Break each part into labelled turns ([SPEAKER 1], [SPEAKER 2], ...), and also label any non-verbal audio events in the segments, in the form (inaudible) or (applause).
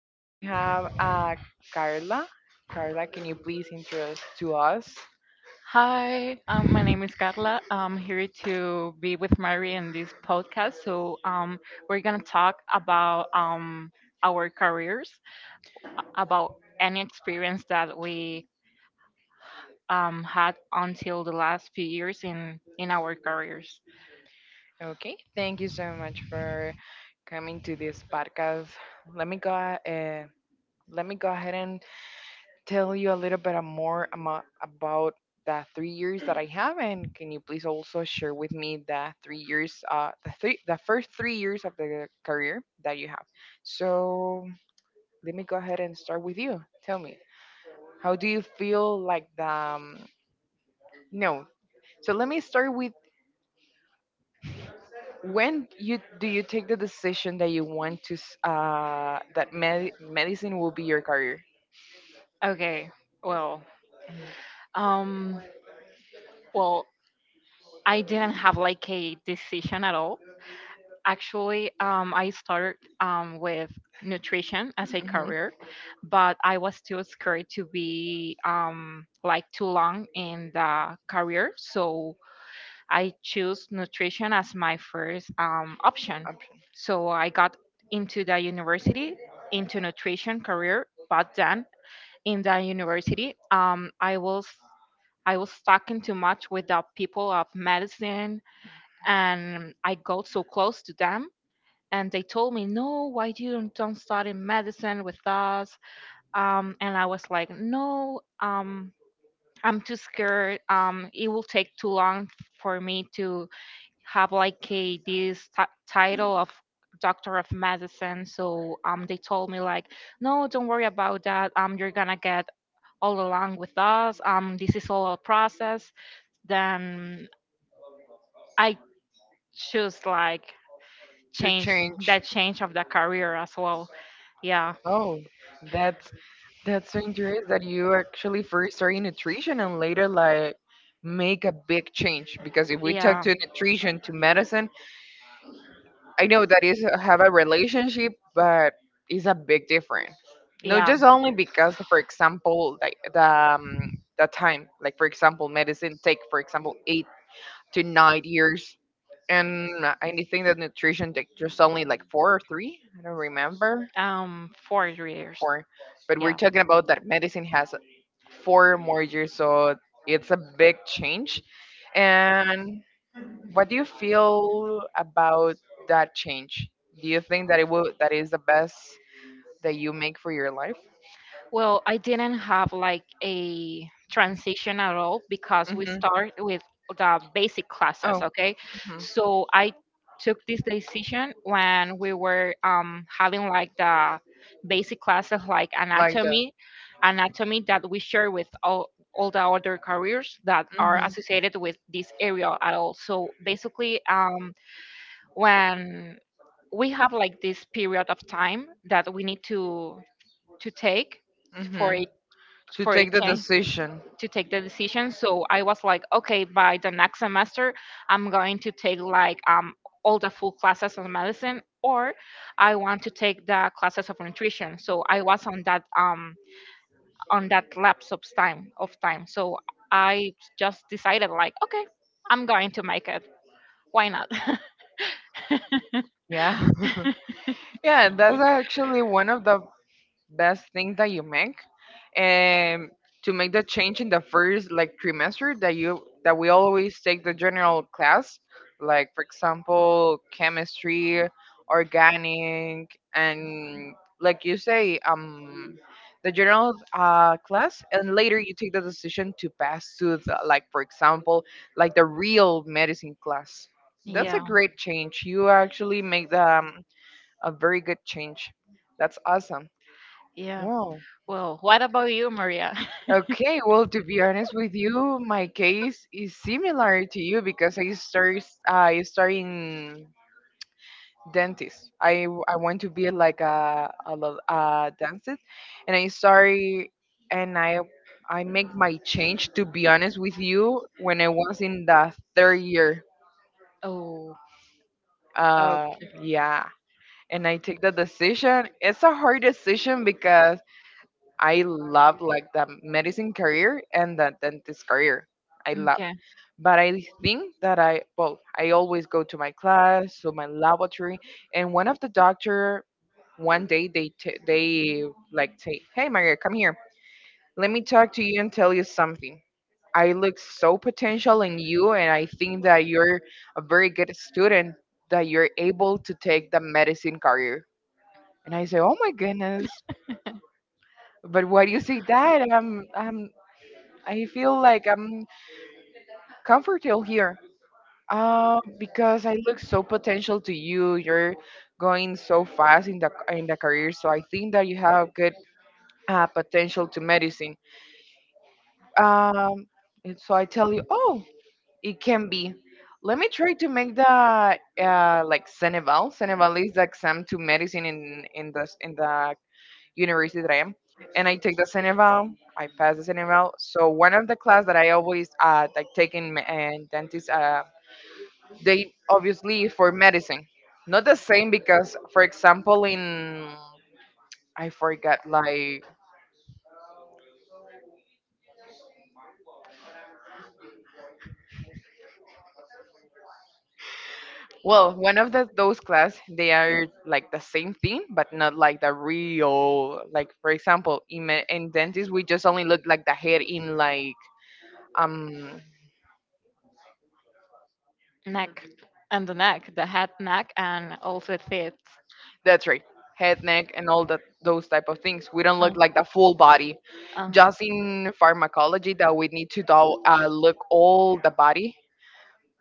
[SPEAKER 1] Here we have Carla. Carla, can you please introduce to us?
[SPEAKER 2] Hi, my name is Carla. I'm here to be with Mary in this podcast. So we're gonna talk about our careers, about any experience that we had until the last few years in our careers.
[SPEAKER 1] Okay, thank you so much for coming to this podcast. Let me go uh, Let me go ahead and tell you a little bit more about the 3 years that I have, and can you please also share with me the 3 years, the first 3 years of the career that you have. So let me go ahead and start with you. Tell me, how do you feel like the no? So let me start with when you take the decision that you want to that medicine will be your career?
[SPEAKER 2] Okay, well,
[SPEAKER 1] Mhm.
[SPEAKER 2] um, well, I didn't have like a decision at all. Actually, I started with nutrition as a
[SPEAKER 1] Mhm.
[SPEAKER 2] career, but I was too scared to be like too long in the career. So I chose nutrition as my first
[SPEAKER 1] Option.
[SPEAKER 2] option. So I got into the university, into nutrition career, but then in the university, I was stuck in too much with the people of medicine, and I got so close to them, and they told me, "No, why do you don't study medicine with us?" And I was like, "No, I'm too scared, it will take too long for me to have like a title of doctor of medicine." So they told me like, "No, don't worry about that, you're gonna get all along with us, this is all a process." Then I choose like
[SPEAKER 1] To
[SPEAKER 2] change
[SPEAKER 1] change.
[SPEAKER 2] change of the career as well. Yeah.
[SPEAKER 1] Oh, that's That's so interesting that you actually first started nutrition and later like make a big change because if we talk
[SPEAKER 2] Yeah,
[SPEAKER 1] to nutrition to medicine, I know that is have a relationship, but it's a big difference. Not
[SPEAKER 2] yeah.
[SPEAKER 1] just only because, for example, like um, the time, like for example, medicine take for example 8 to 9 years, and I think that nutrition take just only like four or three. I don't remember.
[SPEAKER 2] 4 years.
[SPEAKER 1] Corn. But we're
[SPEAKER 2] Yeah.
[SPEAKER 1] talking about that medicine has 4 more years, so it's a big change. And what do you feel about that change? Do you think that it will that is the best that you make for your life?
[SPEAKER 2] Well, I didn't have like a transition at all because we
[SPEAKER 1] Hmm.
[SPEAKER 2] start with the basic classes,
[SPEAKER 1] Oh,
[SPEAKER 2] okay?
[SPEAKER 1] hmm,
[SPEAKER 2] So I took this decision when we were having like the basic classes like
[SPEAKER 1] like that.
[SPEAKER 2] anatomy that we share with all the other careers that are associated with this area at all. So basically, when we have like this period of time that we need to take
[SPEAKER 1] Hmm. Hmm.
[SPEAKER 2] for a
[SPEAKER 1] To
[SPEAKER 2] for a
[SPEAKER 1] take the
[SPEAKER 2] change
[SPEAKER 1] decision.
[SPEAKER 2] to take the decision. So I was like, okay, by the next semester, I'm going to take like all the full classes on medicine, or I want to take the classes of nutrition. So I was on that lapse of time. So I just decided like, okay, I'm going to make it. Why not? (laughs)
[SPEAKER 1] Yeah. (laughs) Yeah, that's actually one of the best thing that you make and to make the change in the first like trimester that we always take the general class like for example chemistry organic and like you say the general class and later you take the decision to pass to the, like for example like the real medicine class. That's a
[SPEAKER 2] Yeah,
[SPEAKER 1] great change. You actually make the, a very good change. That's awesome.
[SPEAKER 2] yeah.
[SPEAKER 1] Wow.
[SPEAKER 2] Well, what about you, Maria? (laughs)
[SPEAKER 1] Okay, well, to be honest with you, my case is similar to you because I start in dentist. I I want to be like a dentist, and I start and I make my change. To be honest with you, when I was in the third year,
[SPEAKER 2] Oh,
[SPEAKER 1] uh,
[SPEAKER 2] okay.
[SPEAKER 1] yeah, and I take the decision. It's a hard decision because I love like the medicine career and the dentist career. I love. But I think that I well, I always go to my class, to my laboratory, and one of the doctor one day they they like say, "Hey, Maria, come here. Let me talk to you and tell you something. I look so potential in you, and I think that you're a very good student. That you're able to take the medicine career." And I say, "Oh my goodness! But why do you say that? I feel like I'm comfortable here." Because I look so potential to you. You're going so fast in the career, so I think that you have good potential to medicine. Um, and so I tell you, oh, it can be. Let me try to make the like Ceneval. Ceneval is the exam to medicine in the university that I am, and I take the Ceneval. I pass the Ceneval. So one of the class that I always like taking in in dentist, they obviously for medicine not the same because for example in I forgot like, well, one of the, those class they are like the same thing but not like the real, like for example in, in dentist we just only look like the head in like um
[SPEAKER 2] Neck. And the neck, the head, neck, and also feet.
[SPEAKER 1] that's right, head, neck and all that those type of things we don't look
[SPEAKER 2] Um,
[SPEAKER 1] like the full body,
[SPEAKER 2] um,
[SPEAKER 1] just in pharmacology that we need to do, look all the body.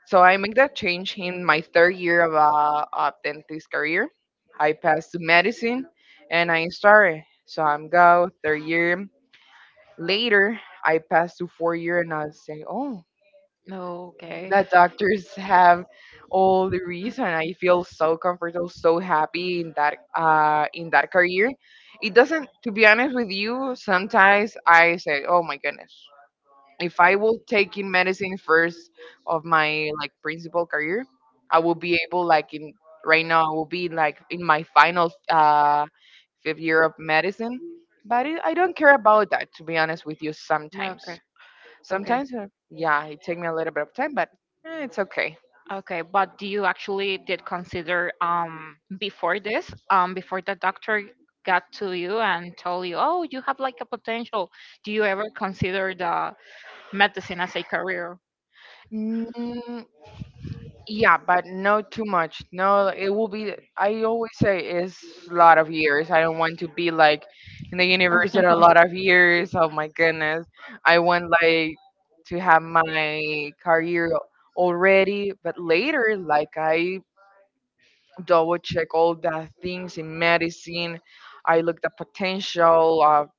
[SPEAKER 1] So I make that change in my third year of dentist career. I passed to medicine, and I started. So I'm go third year. Later, I passed to 4 year, and I say, oh,
[SPEAKER 2] no, okay.
[SPEAKER 1] that doctors have all the reason. I feel so comfortable, so happy in that career. It doesn't. To be honest with you, sometimes I say, oh my goodness, if I will take in medicine first of my like principal career, I will be able like in right now I will be like in my final fifth year of medicine. But it, I don't care about that to be honest with you.
[SPEAKER 2] No, okay.
[SPEAKER 1] Sometimes,
[SPEAKER 2] Okay.
[SPEAKER 1] sometimes uh, yeah, it take me a little bit of time, but it's okay.
[SPEAKER 2] Okay, but do you actually did consider before this, before the doctor got to you and told you, "Oh, you have like a potential." Do you ever consider the medicine as a career?
[SPEAKER 1] Mm, yeah, but no too much. No, it will be. I always say it's a lot of years. I don't want to be like in the universe in a lot
[SPEAKER 2] (laughs)
[SPEAKER 1] of years. Oh my goodness, I want like to have my career already, but later, like I double check all the things in medicine. I look the potential of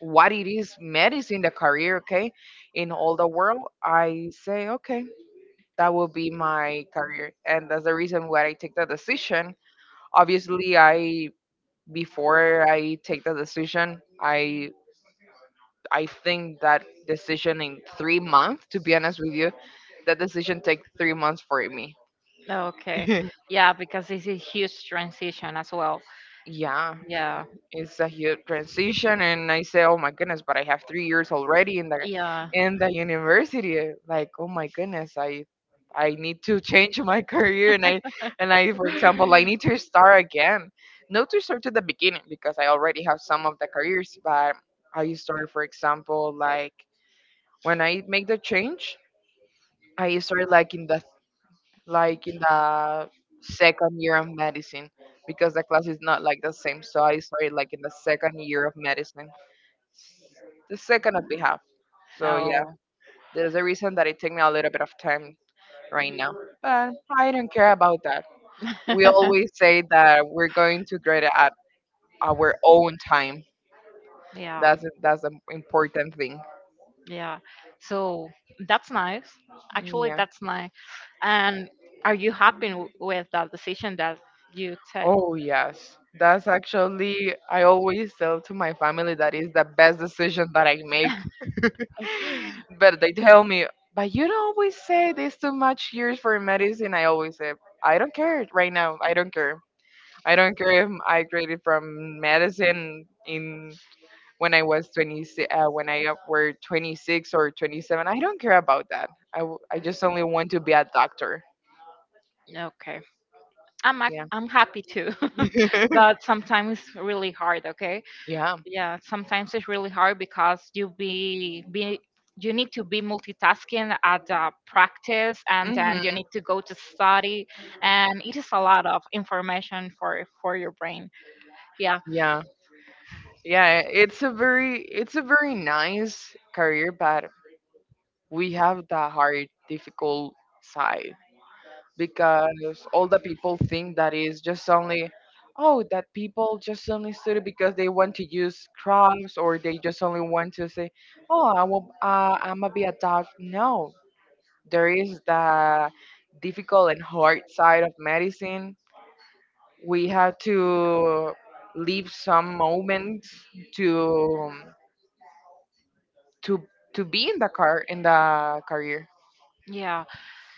[SPEAKER 1] what it is medicine, the career, okay, in all the world. I say okay, that will be my career and that's the reason why I take the decision. Obviously I before I take the decision I think that decision in 3 months to be honest with you that decision take 3 months for me.
[SPEAKER 2] Okay. (laughs)
[SPEAKER 1] (laughs)
[SPEAKER 2] Yeah, because it's a huge transition as well.
[SPEAKER 1] Yeah,
[SPEAKER 2] Yeah.
[SPEAKER 1] it's a huge transition and I say oh my goodness but I have 3 years already in the
[SPEAKER 2] Yeah.
[SPEAKER 1] in the university, like oh my goodness I need to change my (laughs) career and I for example I need to start again, not to start at the beginning because I already have some of the careers but I start for example like when I make the change I start like in the second year of medicine because the class is not like the same so I started like in the second year of medicine, the second that we have. So yeah,
[SPEAKER 2] Oh.
[SPEAKER 1] there's a reason that it took me a little bit of time right now, but I don't care about that. We
[SPEAKER 2] (laughs)
[SPEAKER 1] always say that we're going to grade it at our own time.
[SPEAKER 2] Yeah.
[SPEAKER 1] That's an important thing.
[SPEAKER 2] Yeah. So that's nice. Actually,
[SPEAKER 1] Yeah.
[SPEAKER 2] that's nice. And are you happy with that decision that you take?
[SPEAKER 1] Oh yes, that's actually I always tell to my family that is the best decision that I make. (laughs) But
[SPEAKER 2] (gasps) (laughs)
[SPEAKER 1] they tell me, but you don't always say this too much years for medicine. I always say I don't care right now. I don't care. I don't care if I graduated from medicine in when I was 20, when I were 26 or 27. I don't care about that. I just only want to be a doctor.
[SPEAKER 2] Okay. I'm ac-
[SPEAKER 1] Yeah.
[SPEAKER 2] I'm happy too, (laughs) but sometimes it's really hard. Okay,
[SPEAKER 1] Yeah.
[SPEAKER 2] yeah, sometimes it's really hard because you need to be multitasking at the practice, and
[SPEAKER 1] Hmm.
[SPEAKER 2] then you need to go to study, and it is a lot of information for your brain. Yeah,
[SPEAKER 1] Yeah. Yeah. It's a very nice career, but we have the hard, difficult side. Because all the people think that is just only oh that people just only study because they want to use crops or they just only want to say oh I will, I'm gonna be a doc, no, there is the difficult and hard side of medicine. We have to leave some moments to to to be in the career.
[SPEAKER 2] yeah.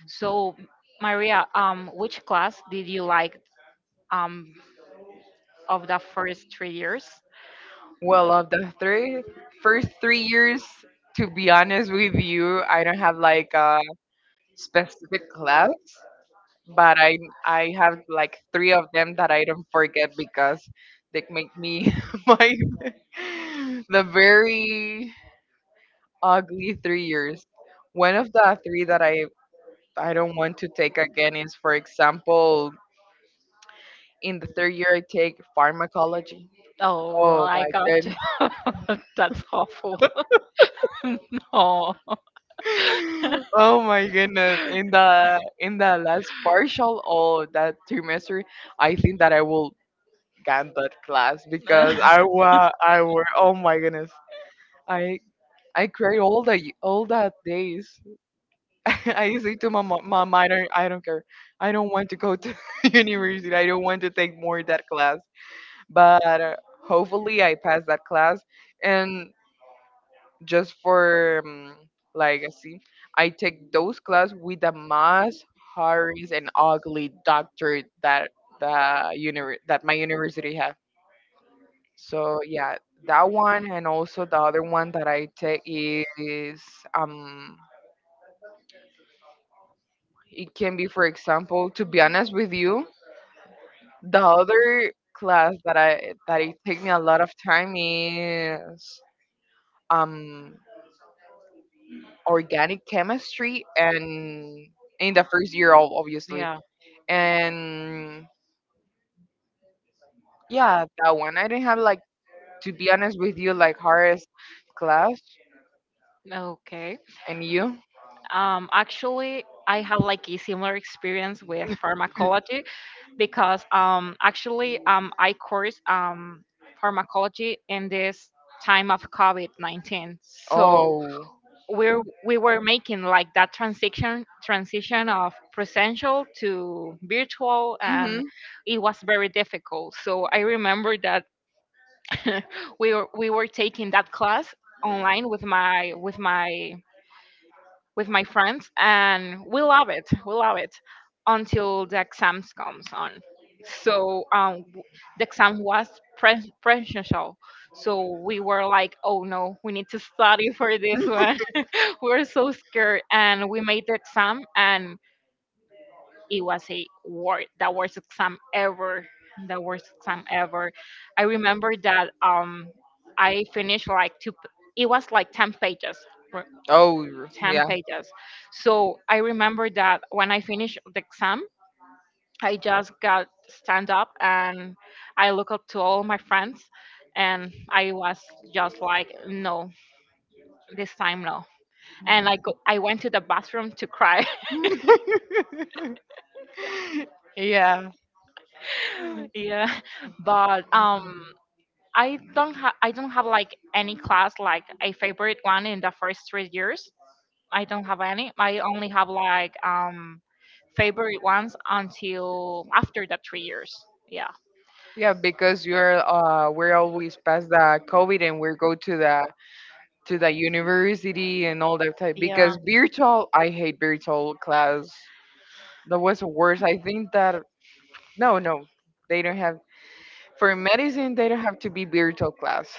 [SPEAKER 2] So, Maria, which class did you like um of the first 3 years?
[SPEAKER 1] Well, of the three first 3 years, to be honest with you, I don't have like a specific class, but I have like three of them that I don't forget because they make me (laughs) my the very ugly 3 years. One of the three that I don't want to take again is, for example, in the third year I take pharmacology.
[SPEAKER 2] Oh,
[SPEAKER 1] Oh
[SPEAKER 2] I
[SPEAKER 1] my
[SPEAKER 2] got you. (laughs) That's awful. (laughs) No.
[SPEAKER 1] (laughs) Oh my goodness. In the last partial of that trimester, I think that I will get that class
[SPEAKER 2] Uh,
[SPEAKER 1] because
[SPEAKER 2] (laughs)
[SPEAKER 1] I were oh my goodness. I I cried all the all that days. (laughs) I say to my mom, mom, I don't care. I don't want to go to (laughs) university. I don't want to take more that class. But hopefully I pass that class and just for legacy. I take those class with the most hardest and ugly doctor that that my university have. So yeah, that one and also the other one that I take is um it can be for example to be honest with you the other class that it take me a lot of time is um organic chemistry and in the first year obviously
[SPEAKER 2] yeah.
[SPEAKER 1] and yeah, that one. I didn't have like to be honest with you, like hardest class.
[SPEAKER 2] Okay.
[SPEAKER 1] And you?
[SPEAKER 2] Actually, I have like a similar experience with pharmacology because actually, I course pharmacology in this time of COVID COVID-19. So
[SPEAKER 1] Oh.
[SPEAKER 2] we were making like that transition of presential to virtual, and
[SPEAKER 1] Mhm.
[SPEAKER 2] it was very difficult. So I remember that (laughs) we were taking that class online with my friends, and we love it until the exams comes on. So um, w- the exam was presential. So we were like, oh no, we need to study for this one. (laughs) We were so scared, and we made the exam, and it was a wor the worst exam ever. The worst exam ever. I remember that I finished it was like ten pages
[SPEAKER 1] Oh
[SPEAKER 2] 10
[SPEAKER 1] yeah.
[SPEAKER 2] pages. So I remember that when I finished the exam, I just got stand up and I looked up to all my friends, and I was just like, no, this time no. And I, go,
[SPEAKER 1] (laughs)
[SPEAKER 2] I went to the bathroom to cry.
[SPEAKER 1] Yeah,
[SPEAKER 2] (laughs) Yeah. But I don't have like any class like a favorite one in the first 3 years. I don't have any. I only have like favorite ones until after the 3 years. Yeah.
[SPEAKER 1] yeah, because you're we're always past the COVID and we go to the university and all that type
[SPEAKER 2] Yeah.
[SPEAKER 1] because virtual I hate virtual class. That was worse. I think that no, no, they don't have for medicine, they don't have to be virtual class.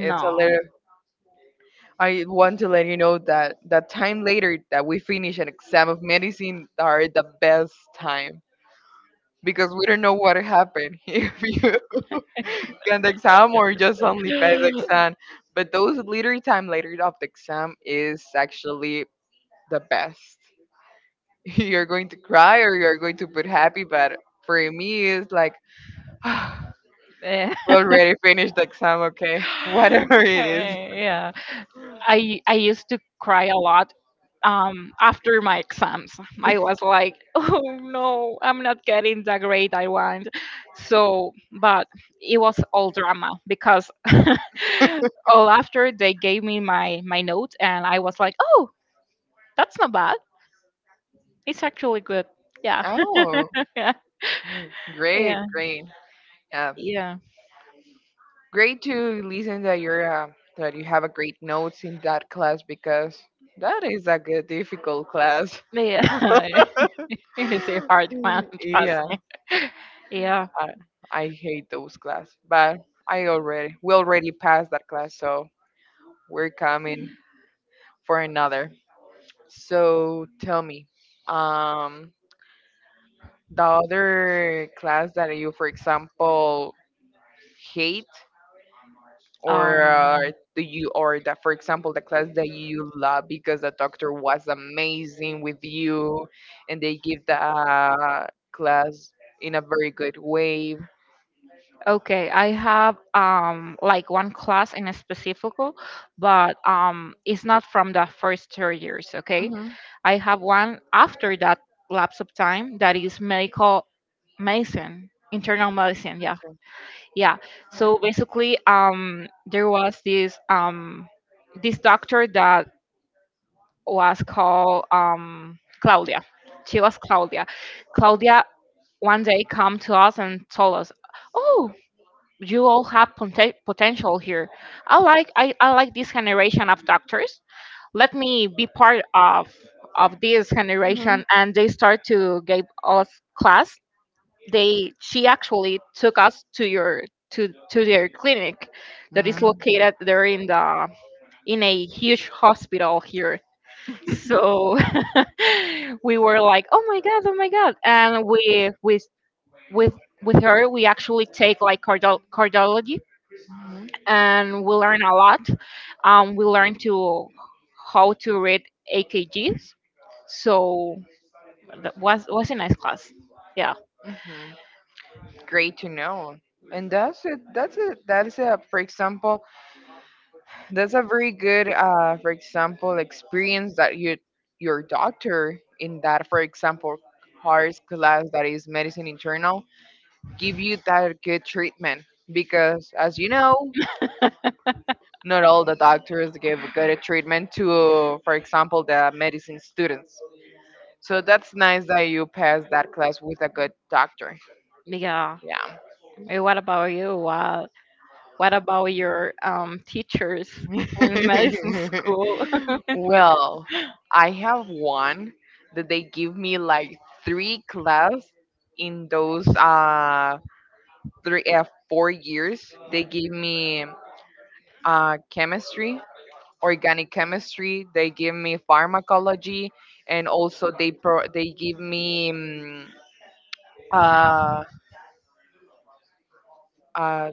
[SPEAKER 1] It's a little. I want to let you know that that time later that we finish an exam of medicine are the best time because we don't know what happened (laughs) if you got the exam or just only pass the exam.
[SPEAKER 2] (laughs)
[SPEAKER 1] But those little time later of the exam is actually the best. (laughs) You're going to cry or you're going to put happy, but for me, it's like (sighs) we
[SPEAKER 2] Eh, (laughs)
[SPEAKER 1] already finished the exam. Okay, (laughs) whatever it is.
[SPEAKER 2] yeah. I used to cry a lot after my exams. I was like, (laughs) oh no, I'm not getting the grade I want. So but it was all drama because (laughs) all after they gave me my note, and I was like, oh, that's not bad. It's actually good. Yeah. (laughs)
[SPEAKER 1] Oh,
[SPEAKER 2] Yeah.
[SPEAKER 1] mm, great,
[SPEAKER 2] Yeah.
[SPEAKER 1] great. Yeah,
[SPEAKER 2] Yeah.
[SPEAKER 1] great to listen that you're that you have a great notes in that class because that is a good difficult class.
[SPEAKER 2] But yeah. (laughs) It is a hard one,
[SPEAKER 1] (laughs)
[SPEAKER 2] trust
[SPEAKER 1] yeah,
[SPEAKER 2] me. Yeah.
[SPEAKER 1] I, I hate those class, but I already we already passed that class, so we're coming (laughs) for another. So tell me, um, the other class that you, for example, hate or
[SPEAKER 2] Um
[SPEAKER 1] do you or that for example the class that you love because the doctor was amazing with you and they give the class in a very good way.
[SPEAKER 2] okay, I have like one class in a specific, but it's not from the first 3 years, okay?
[SPEAKER 1] Hmm,
[SPEAKER 2] I have one after that lapse of time that is internal medicine, yeah. Yeah. So basically, there was this doctor that was called Claudia. She was Claudia. Claudia one day come to us and told us, "Oh, you all have potential here. I like this generation of doctors. Let me be part of this
[SPEAKER 1] hmm,
[SPEAKER 2] generation." And they start to give us class. They she actually took us to your to their clinic that is
[SPEAKER 1] hmm,
[SPEAKER 2] located there in a huge hospital here. So (laughs) we were like, oh my god, oh my god. And we with with her we actually take like cardiology,
[SPEAKER 1] hmm,
[SPEAKER 2] and we learn a lot. We learn to how to read AKGs. So that was a nice class. Yeah.
[SPEAKER 1] hmm. Great to know. And that's it. That's it. That is a, for example, that's a very good, for example, experience that you, your doctor in that, for example, hard class that is medicine internal give you that good treatment because as you know not all the doctors give good treatment to for example the medicine students, so that's nice that you passed that class with a good doctor.
[SPEAKER 2] Yeah.
[SPEAKER 1] Yeah.
[SPEAKER 2] And what about you? What about your teachers
[SPEAKER 1] (laughs)
[SPEAKER 2] in medicine school?
[SPEAKER 1] Well, I have one that they give me like three class in those three 4 years. They give me chemistry, organic chemistry, they give me pharmacology, and also they give me uh, uh,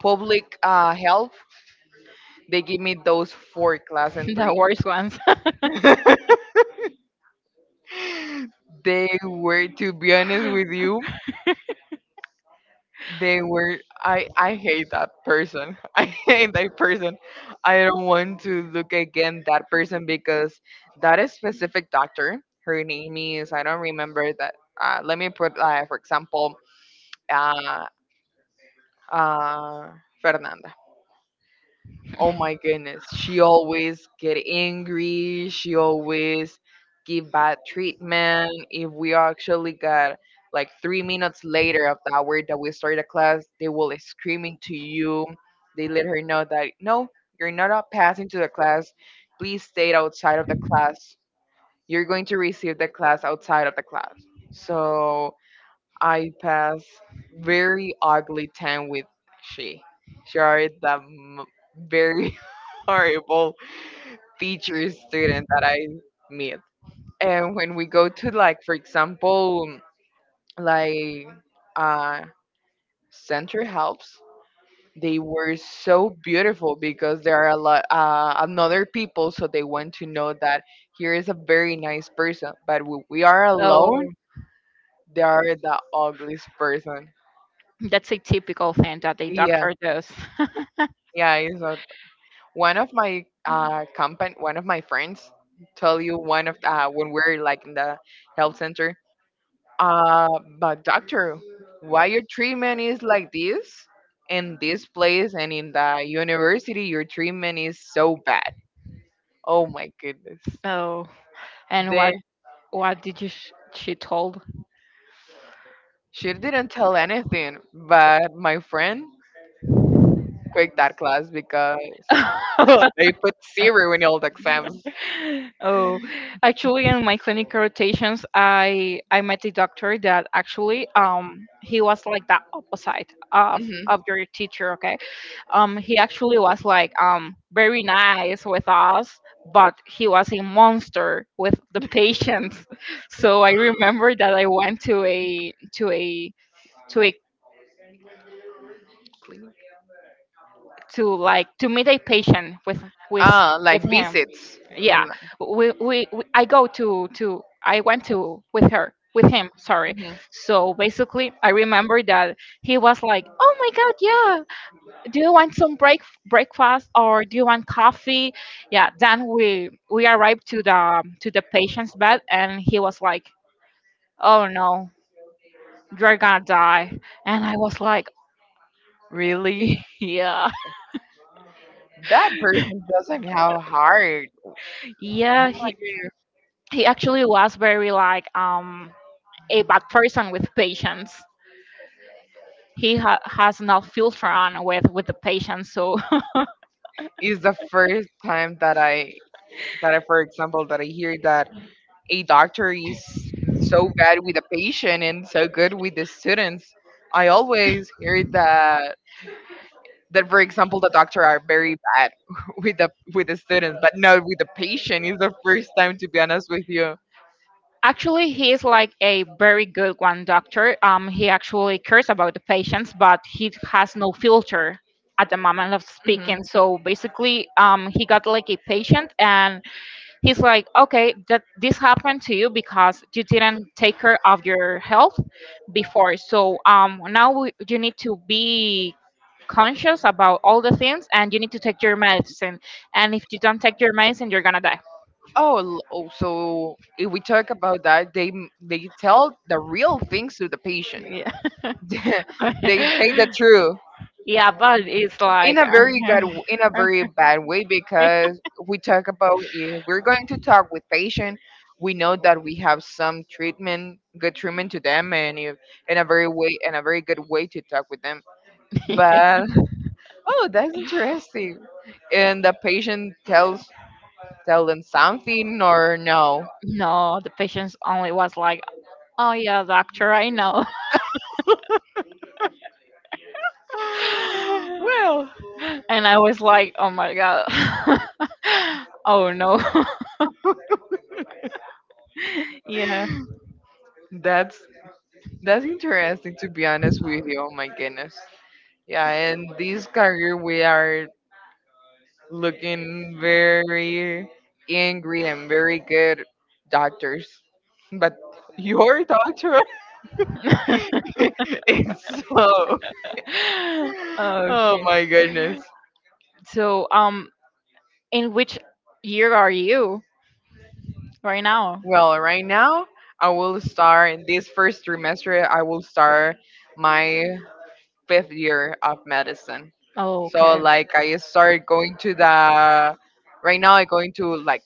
[SPEAKER 1] public health. They give me those four class and
[SPEAKER 2] (laughs) The
[SPEAKER 1] three.
[SPEAKER 2] worst ones.
[SPEAKER 1] (laughs) They were, to be honest with
[SPEAKER 2] (laughs)
[SPEAKER 1] you, they were. I hate that person. (laughs) I hate that person. I don't want to look again that person because that is specific doctor. Her name is I don't remember that. Let me put for example, uh, uh, Fernanda. Oh my goodness, she always get angry. She always give bad treatment. If we actually got like 3 minutes later of the hour that we started the class, they will screaming to you. They let her know that no, you're not up passing to the class. Please stay outside of the class. You're going to receive the class outside of the class. So I pass very ugly time with she. She are very (laughs) horrible teacher student that I meet. And when we go to like, for example, like uh, center helps, they were so beautiful because there are a lot another people, so they want to know that here is a very nice person. But when we are
[SPEAKER 2] Oh,
[SPEAKER 1] alone, they are the ugliest person.
[SPEAKER 2] that's a typical thing that a
[SPEAKER 1] Yeah,
[SPEAKER 2] doctor does.
[SPEAKER 1] yeah, it's not one of my company, one of my friends tell you one of when we're like in the health center uh but doctor why your treatment is like this in this place and in the university your treatment is so bad. Oh my
[SPEAKER 2] (laughs)
[SPEAKER 1] goodness.
[SPEAKER 2] Oh, and
[SPEAKER 1] They
[SPEAKER 2] what did she told?
[SPEAKER 1] She didn't tell anything but my friend quit that class because (laughs)
[SPEAKER 2] (laughs)
[SPEAKER 1] they put zero in all the exams.
[SPEAKER 2] Oh, actually, in my clinical rotations, I met a doctor that actually he was like the opposite of
[SPEAKER 1] Hmm.
[SPEAKER 2] of your teacher. Okay? He actually was like very nice with us, but he was a monster with the patients. (laughs) So I remember that I went to a to like to meet a patient with
[SPEAKER 1] Uh,
[SPEAKER 2] with
[SPEAKER 1] like
[SPEAKER 2] him.
[SPEAKER 1] visits.
[SPEAKER 2] Yeah.
[SPEAKER 1] Mm,
[SPEAKER 2] We I go to I went to with him, sorry.
[SPEAKER 1] mhm.
[SPEAKER 2] So basically, I remember that he was like, oh my god, yeah. Do you want some breakfast or do you want coffee? Yeah. Then we arrived to the patient's bed, and he was like, oh no, you're gonna die. And I was like,
[SPEAKER 1] Really?
[SPEAKER 2] (laughs) yeah.
[SPEAKER 1] That person doesn't have heart. Oh my
[SPEAKER 2] Yeah, he,
[SPEAKER 1] goodness.
[SPEAKER 2] he actually was very like a bad person with patients. He has no filter on with the patients, so.
[SPEAKER 1] It's the first time that I for example, that I hear that a doctor is so bad with the patient and so good with the students. I always hear that that for example the doctor are very bad (laughs) with the students, but not with the patient. It's the first time to be honest with you.
[SPEAKER 2] Actually, he is like a very good one doctor. He actually cares about the patients, but he has no filter at the moment of
[SPEAKER 1] Hmm.
[SPEAKER 2] speaking. So basically, he got like a patient, and he's like, "Okay, that this happened to you because you didn't take care of your health before. So now you need to be." Conscious about all the things, and you need to take your medicine, and if you don't take your medicine, you're gonna die.
[SPEAKER 1] Oh, oh, so if we talk about that, they tell the real things to the patient. (laughs) They say the
[SPEAKER 2] (laughs)
[SPEAKER 1] truth
[SPEAKER 2] Yeah, but it's like
[SPEAKER 1] in a very good, in a very bad way,
[SPEAKER 2] (laughs)
[SPEAKER 1] because we talk about if we're going to talk with patient, we know that we have some treatment, good treatment to them, and if, in a very way, in a very good way to talk with them.
[SPEAKER 2] (laughs)
[SPEAKER 1] But (laughs) oh, that's interesting. And the patient tell them something or no.
[SPEAKER 2] no, the patients only was like, "Oh yeah, doctor, I know."
[SPEAKER 1] (gasps) Well,
[SPEAKER 2] (laughs) And I was like, "Oh my god, (laughs) oh no, (laughs) yeah."
[SPEAKER 1] That's that's interesting to be honest with you. Oh my goodness. Yeah, and this career we are looking very angry and very good doctors. But your doctor
[SPEAKER 2] (laughs)
[SPEAKER 1] (laughs) is so. Oh
[SPEAKER 2] Okay.
[SPEAKER 1] my goodness.
[SPEAKER 2] So, in which year are you right now?
[SPEAKER 1] Well, right now I will start in this first trimester I will start my fifth year of medicine.
[SPEAKER 2] Oh,
[SPEAKER 1] So
[SPEAKER 2] okay.
[SPEAKER 1] like I started going to the right now I going to like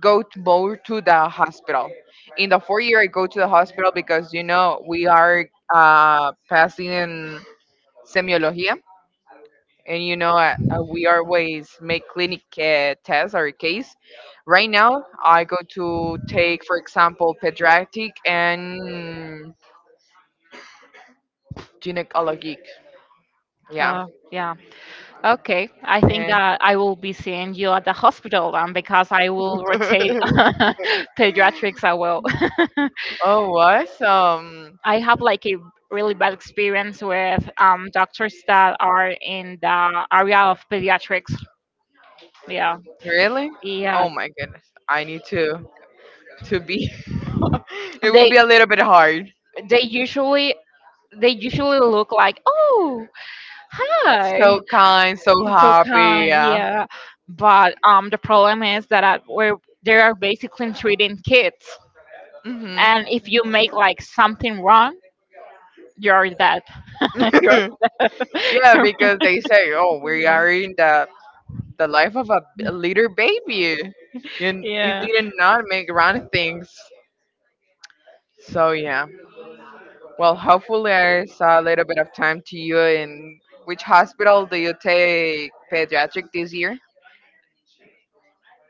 [SPEAKER 1] go to more to the hospital. In the fourth year I go to the hospital because you know we are passing in semiología and you know we always make clinic tests or case. Right now I go to take for example pediatric and gynecologic. Yeah.
[SPEAKER 2] Uh, yeah. Okay, I think
[SPEAKER 1] And,
[SPEAKER 2] that I will be seeing you at the hospital then because I will rotate (laughs) pediatrics. I will.
[SPEAKER 1] oh awesome.
[SPEAKER 2] I have like a really bad experience with doctors that are in the area of pediatrics. Yeah,
[SPEAKER 1] Really?
[SPEAKER 2] yeah.
[SPEAKER 1] Oh my goodness. I need to be. (laughs) It will
[SPEAKER 2] They
[SPEAKER 1] be a little bit hard.
[SPEAKER 2] they usually they usually look like, oh,
[SPEAKER 1] So
[SPEAKER 2] hi,
[SPEAKER 1] kind, so
[SPEAKER 2] it's so
[SPEAKER 1] happy.
[SPEAKER 2] kind,
[SPEAKER 1] Yeah.
[SPEAKER 2] yeah. But the problem is that I, we're they are basically treating kids.
[SPEAKER 1] Hmm.
[SPEAKER 2] And if you make like something wrong, you're dead. (laughs) You're
[SPEAKER 1] (coughs) (laughs) Yeah, because they
[SPEAKER 2] (laughs)
[SPEAKER 1] say, "Oh, we are in the life of a, a little baby." You
[SPEAKER 2] yeah.
[SPEAKER 1] did not make wrong things. So yeah. Well, hopefully, I saw a little bit of time to you. In which hospital do you take pediatric this year?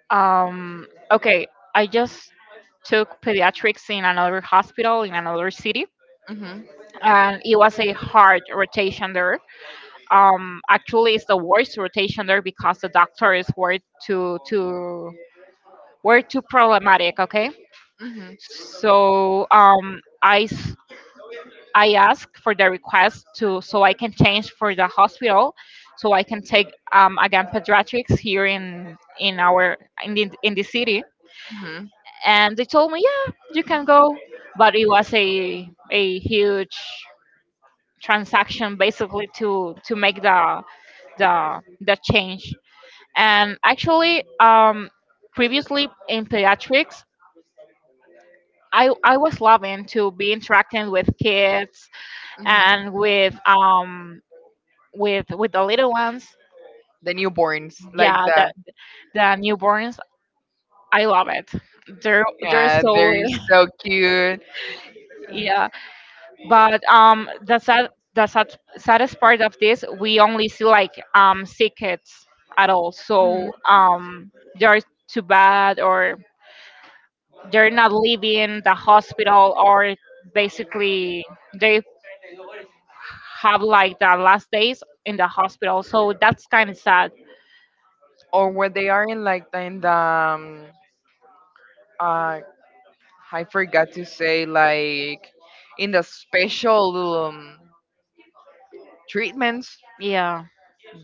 [SPEAKER 2] Okay, I just took pediatrics in another hospital in another city,
[SPEAKER 1] Mm-hmm.
[SPEAKER 2] and it was a hard rotation there. Actually, it's the worst rotation there because the doctors too too were too problematic, okay.
[SPEAKER 1] Mm-hmm.
[SPEAKER 2] So I ask for the request to, so I can change for the hospital, so I can take again pediatrics here in the city,
[SPEAKER 1] Mm-hmm.
[SPEAKER 2] and they told me yeah you can go, but it was a huge transaction basically to make the change. And actually, previously in pediatrics, I was loving to be interacting with kids,
[SPEAKER 1] Mhm.
[SPEAKER 2] and with the little ones.
[SPEAKER 1] The newborns, like
[SPEAKER 2] Yeah. the
[SPEAKER 1] that.
[SPEAKER 2] the newborns, I love it. They're they're
[SPEAKER 1] Yeah,
[SPEAKER 2] so
[SPEAKER 1] they're
[SPEAKER 2] little.
[SPEAKER 1] so cute.
[SPEAKER 2] (laughs) Yeah. But the saddest part of this, we only see like sick kids at all.
[SPEAKER 1] Mm.
[SPEAKER 2] So they're too bad, or they're not leaving the hospital, or basically they have like the last days in the hospital, so that's kind of sad.
[SPEAKER 1] Or when they are in in the uh, I forgot to say like in the special um, treatments.
[SPEAKER 2] Yeah.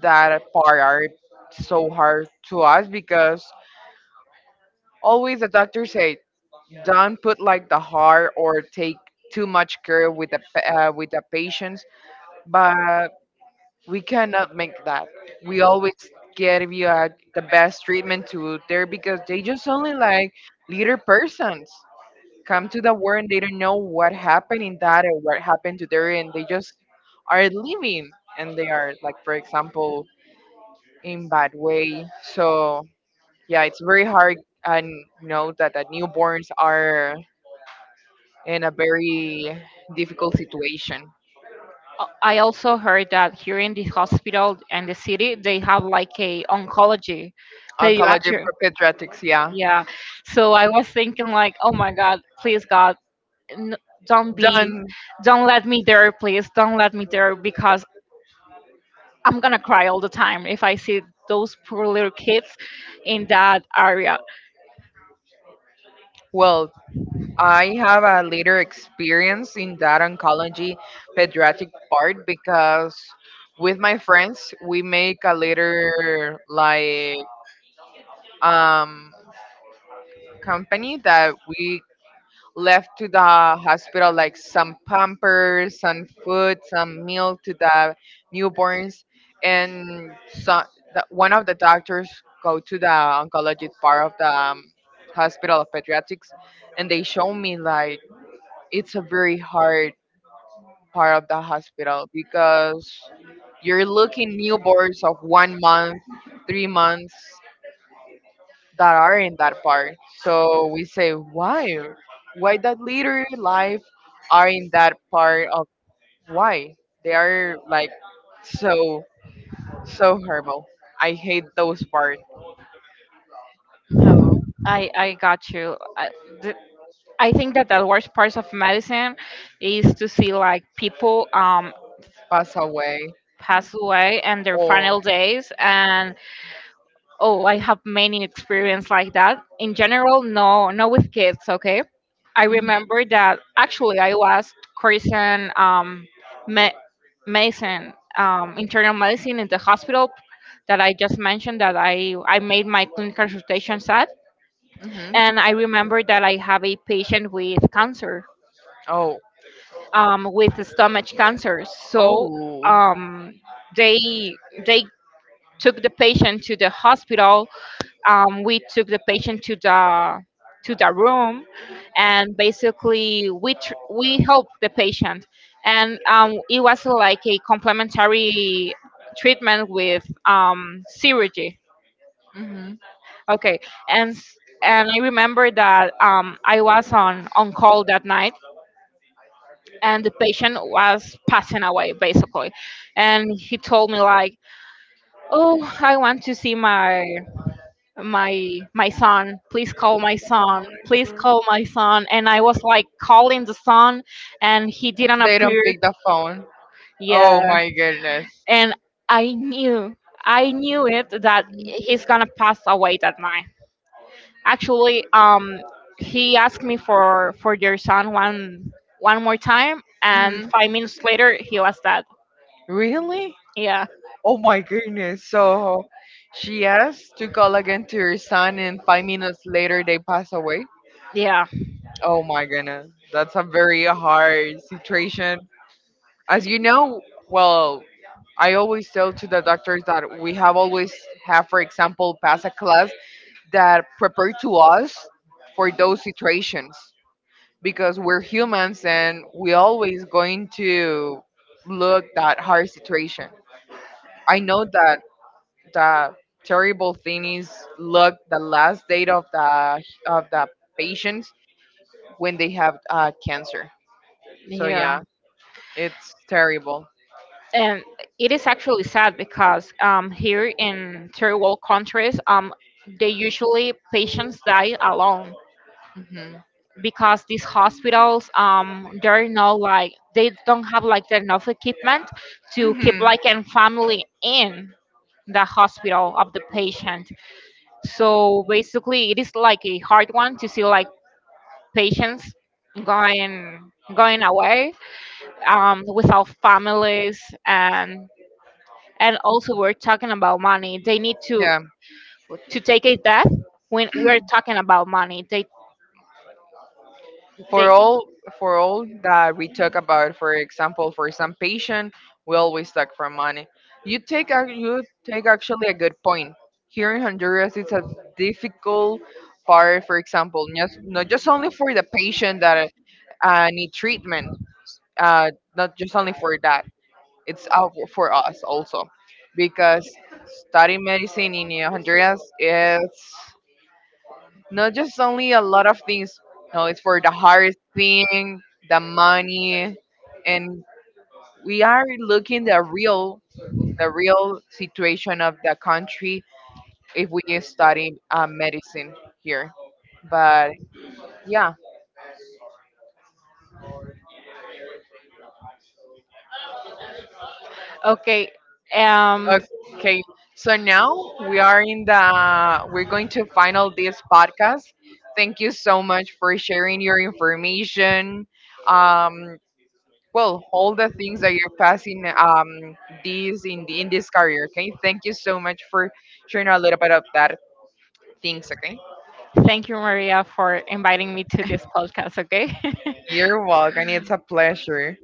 [SPEAKER 1] That part are so hard to us because always the doctor says don't put like the heart or take too much care with with the patients, but we cannot make that. We always give you the best treatment to there because they just only like little persons come to the world and they don't know what happened in that or what happened to their and they just are living and they are like for example in bad way, so yeah it's very hard, and know that the newborns are in a very difficult situation.
[SPEAKER 2] I also heard that here in the hospital and the city, they have like a oncology
[SPEAKER 1] Oncology
[SPEAKER 2] pediatric.
[SPEAKER 1] for pediatrics, yeah.
[SPEAKER 2] Yeah. So I was thinking like, oh my God, please God, n- don't be,
[SPEAKER 1] Done.
[SPEAKER 2] don't let me there, please, don't let me there, because I'm gonna cry all the time if I see those poor little kids in that area.
[SPEAKER 1] Well, I have a later experience in that oncology pediatric part because with my friends we make a later like um company that we left to the hospital like some pampers, some food, some milk to the newborns, and so the, one of the doctors go to the oncology part of the hospital of pediatrics, and they show me like it's a very hard part of the hospital because you're looking newborns of 1 month, 3 months, that are in that part. So we say, why? Why that literary life are in that part of why? They are like so, so horrible. I hate those part.
[SPEAKER 2] No, I got you. The, I think that the worst part of medicine is to see like people
[SPEAKER 1] Pass away.
[SPEAKER 2] pass away and their
[SPEAKER 1] Oh.
[SPEAKER 2] final days. And oh, I have many experience like that in general. No, no, with kids, okay? I
[SPEAKER 1] Mhm,
[SPEAKER 2] remember that actually I was cursing me- medicine internal medicine in the hospital that I just mentioned that I made my clinical consultations at.
[SPEAKER 1] mhm.
[SPEAKER 2] And I remember that I have a patient
[SPEAKER 1] Oh.
[SPEAKER 2] with stomach cancer. So
[SPEAKER 1] Oh.
[SPEAKER 2] um they they took the patient to the hospital. We took the patient to the room, and basically we helped the patient, and it was like a complementary treatment with surgery.
[SPEAKER 1] Hmm.
[SPEAKER 2] Okay, and I remember that I was on call that night, and the patient was passing away basically, and he told me like, "Oh, I want to see my my son, please call my son, please call my son." And I was like calling the son, and he didn't
[SPEAKER 1] They don't
[SPEAKER 2] appear.
[SPEAKER 1] pick the phone. Oh
[SPEAKER 2] Yeah.
[SPEAKER 1] my goodness.
[SPEAKER 2] And i knew I knew it that he's gonna pass away that night. Actually, he asked me for your son one more time, and
[SPEAKER 1] Hmm.
[SPEAKER 2] 5 minutes later he was dead.
[SPEAKER 1] Really?
[SPEAKER 2] Yeah.
[SPEAKER 1] Oh my goodness. So she asked to call again to her son, and 5 minutes later, they pass away.
[SPEAKER 2] Yeah.
[SPEAKER 1] Oh my goodness. That's a very hard situation. As you know, well, I always tell to the doctors that we have always have, for example, pass a class that prepare to us for those situations because we're humans and we always going to look that hard situation. I know that the terrible thing is look the last date of the patient when they have cancer. So
[SPEAKER 2] Yeah.
[SPEAKER 1] yeah, it's terrible.
[SPEAKER 2] And it is actually sad because here in third world countries, they usually patients die alone
[SPEAKER 1] Hmm.
[SPEAKER 2] because these hospitals they're not like they don't have like the enough equipment to keep
[SPEAKER 1] Hmm.
[SPEAKER 2] like a family in the hospital of the patient. So basically, it is like a hard one to see like patients going away, without families. And also we're talking about money they need to
[SPEAKER 1] Yeah,
[SPEAKER 2] to take a death. When we're talking about money they.
[SPEAKER 1] for all for all that we talk about, for example, for some patient, we always talk for money. You take actually a good point. Here in Honduras, it's a difficult part. For example, not just only for the patient that need treatment, uh, not just only for that, it's out for us also, because studying medicine in Honduras is not just only a lot of things. No, it's for the hardest thing, the money, and we are looking the real situation of the country if we study medicine here. But yeah.
[SPEAKER 2] Okay, um
[SPEAKER 1] Okay, so now we are in the we're going to final this podcast. Thank you so much for sharing your information. Um, well, all the things that you're passing these in in this career. Okay, thank you so much for sharing a little bit of that things. Okay,
[SPEAKER 2] thank you, Maria, for inviting me to this podcast. Okay. (laughs)
[SPEAKER 1] you're welcome. It's a pleasure.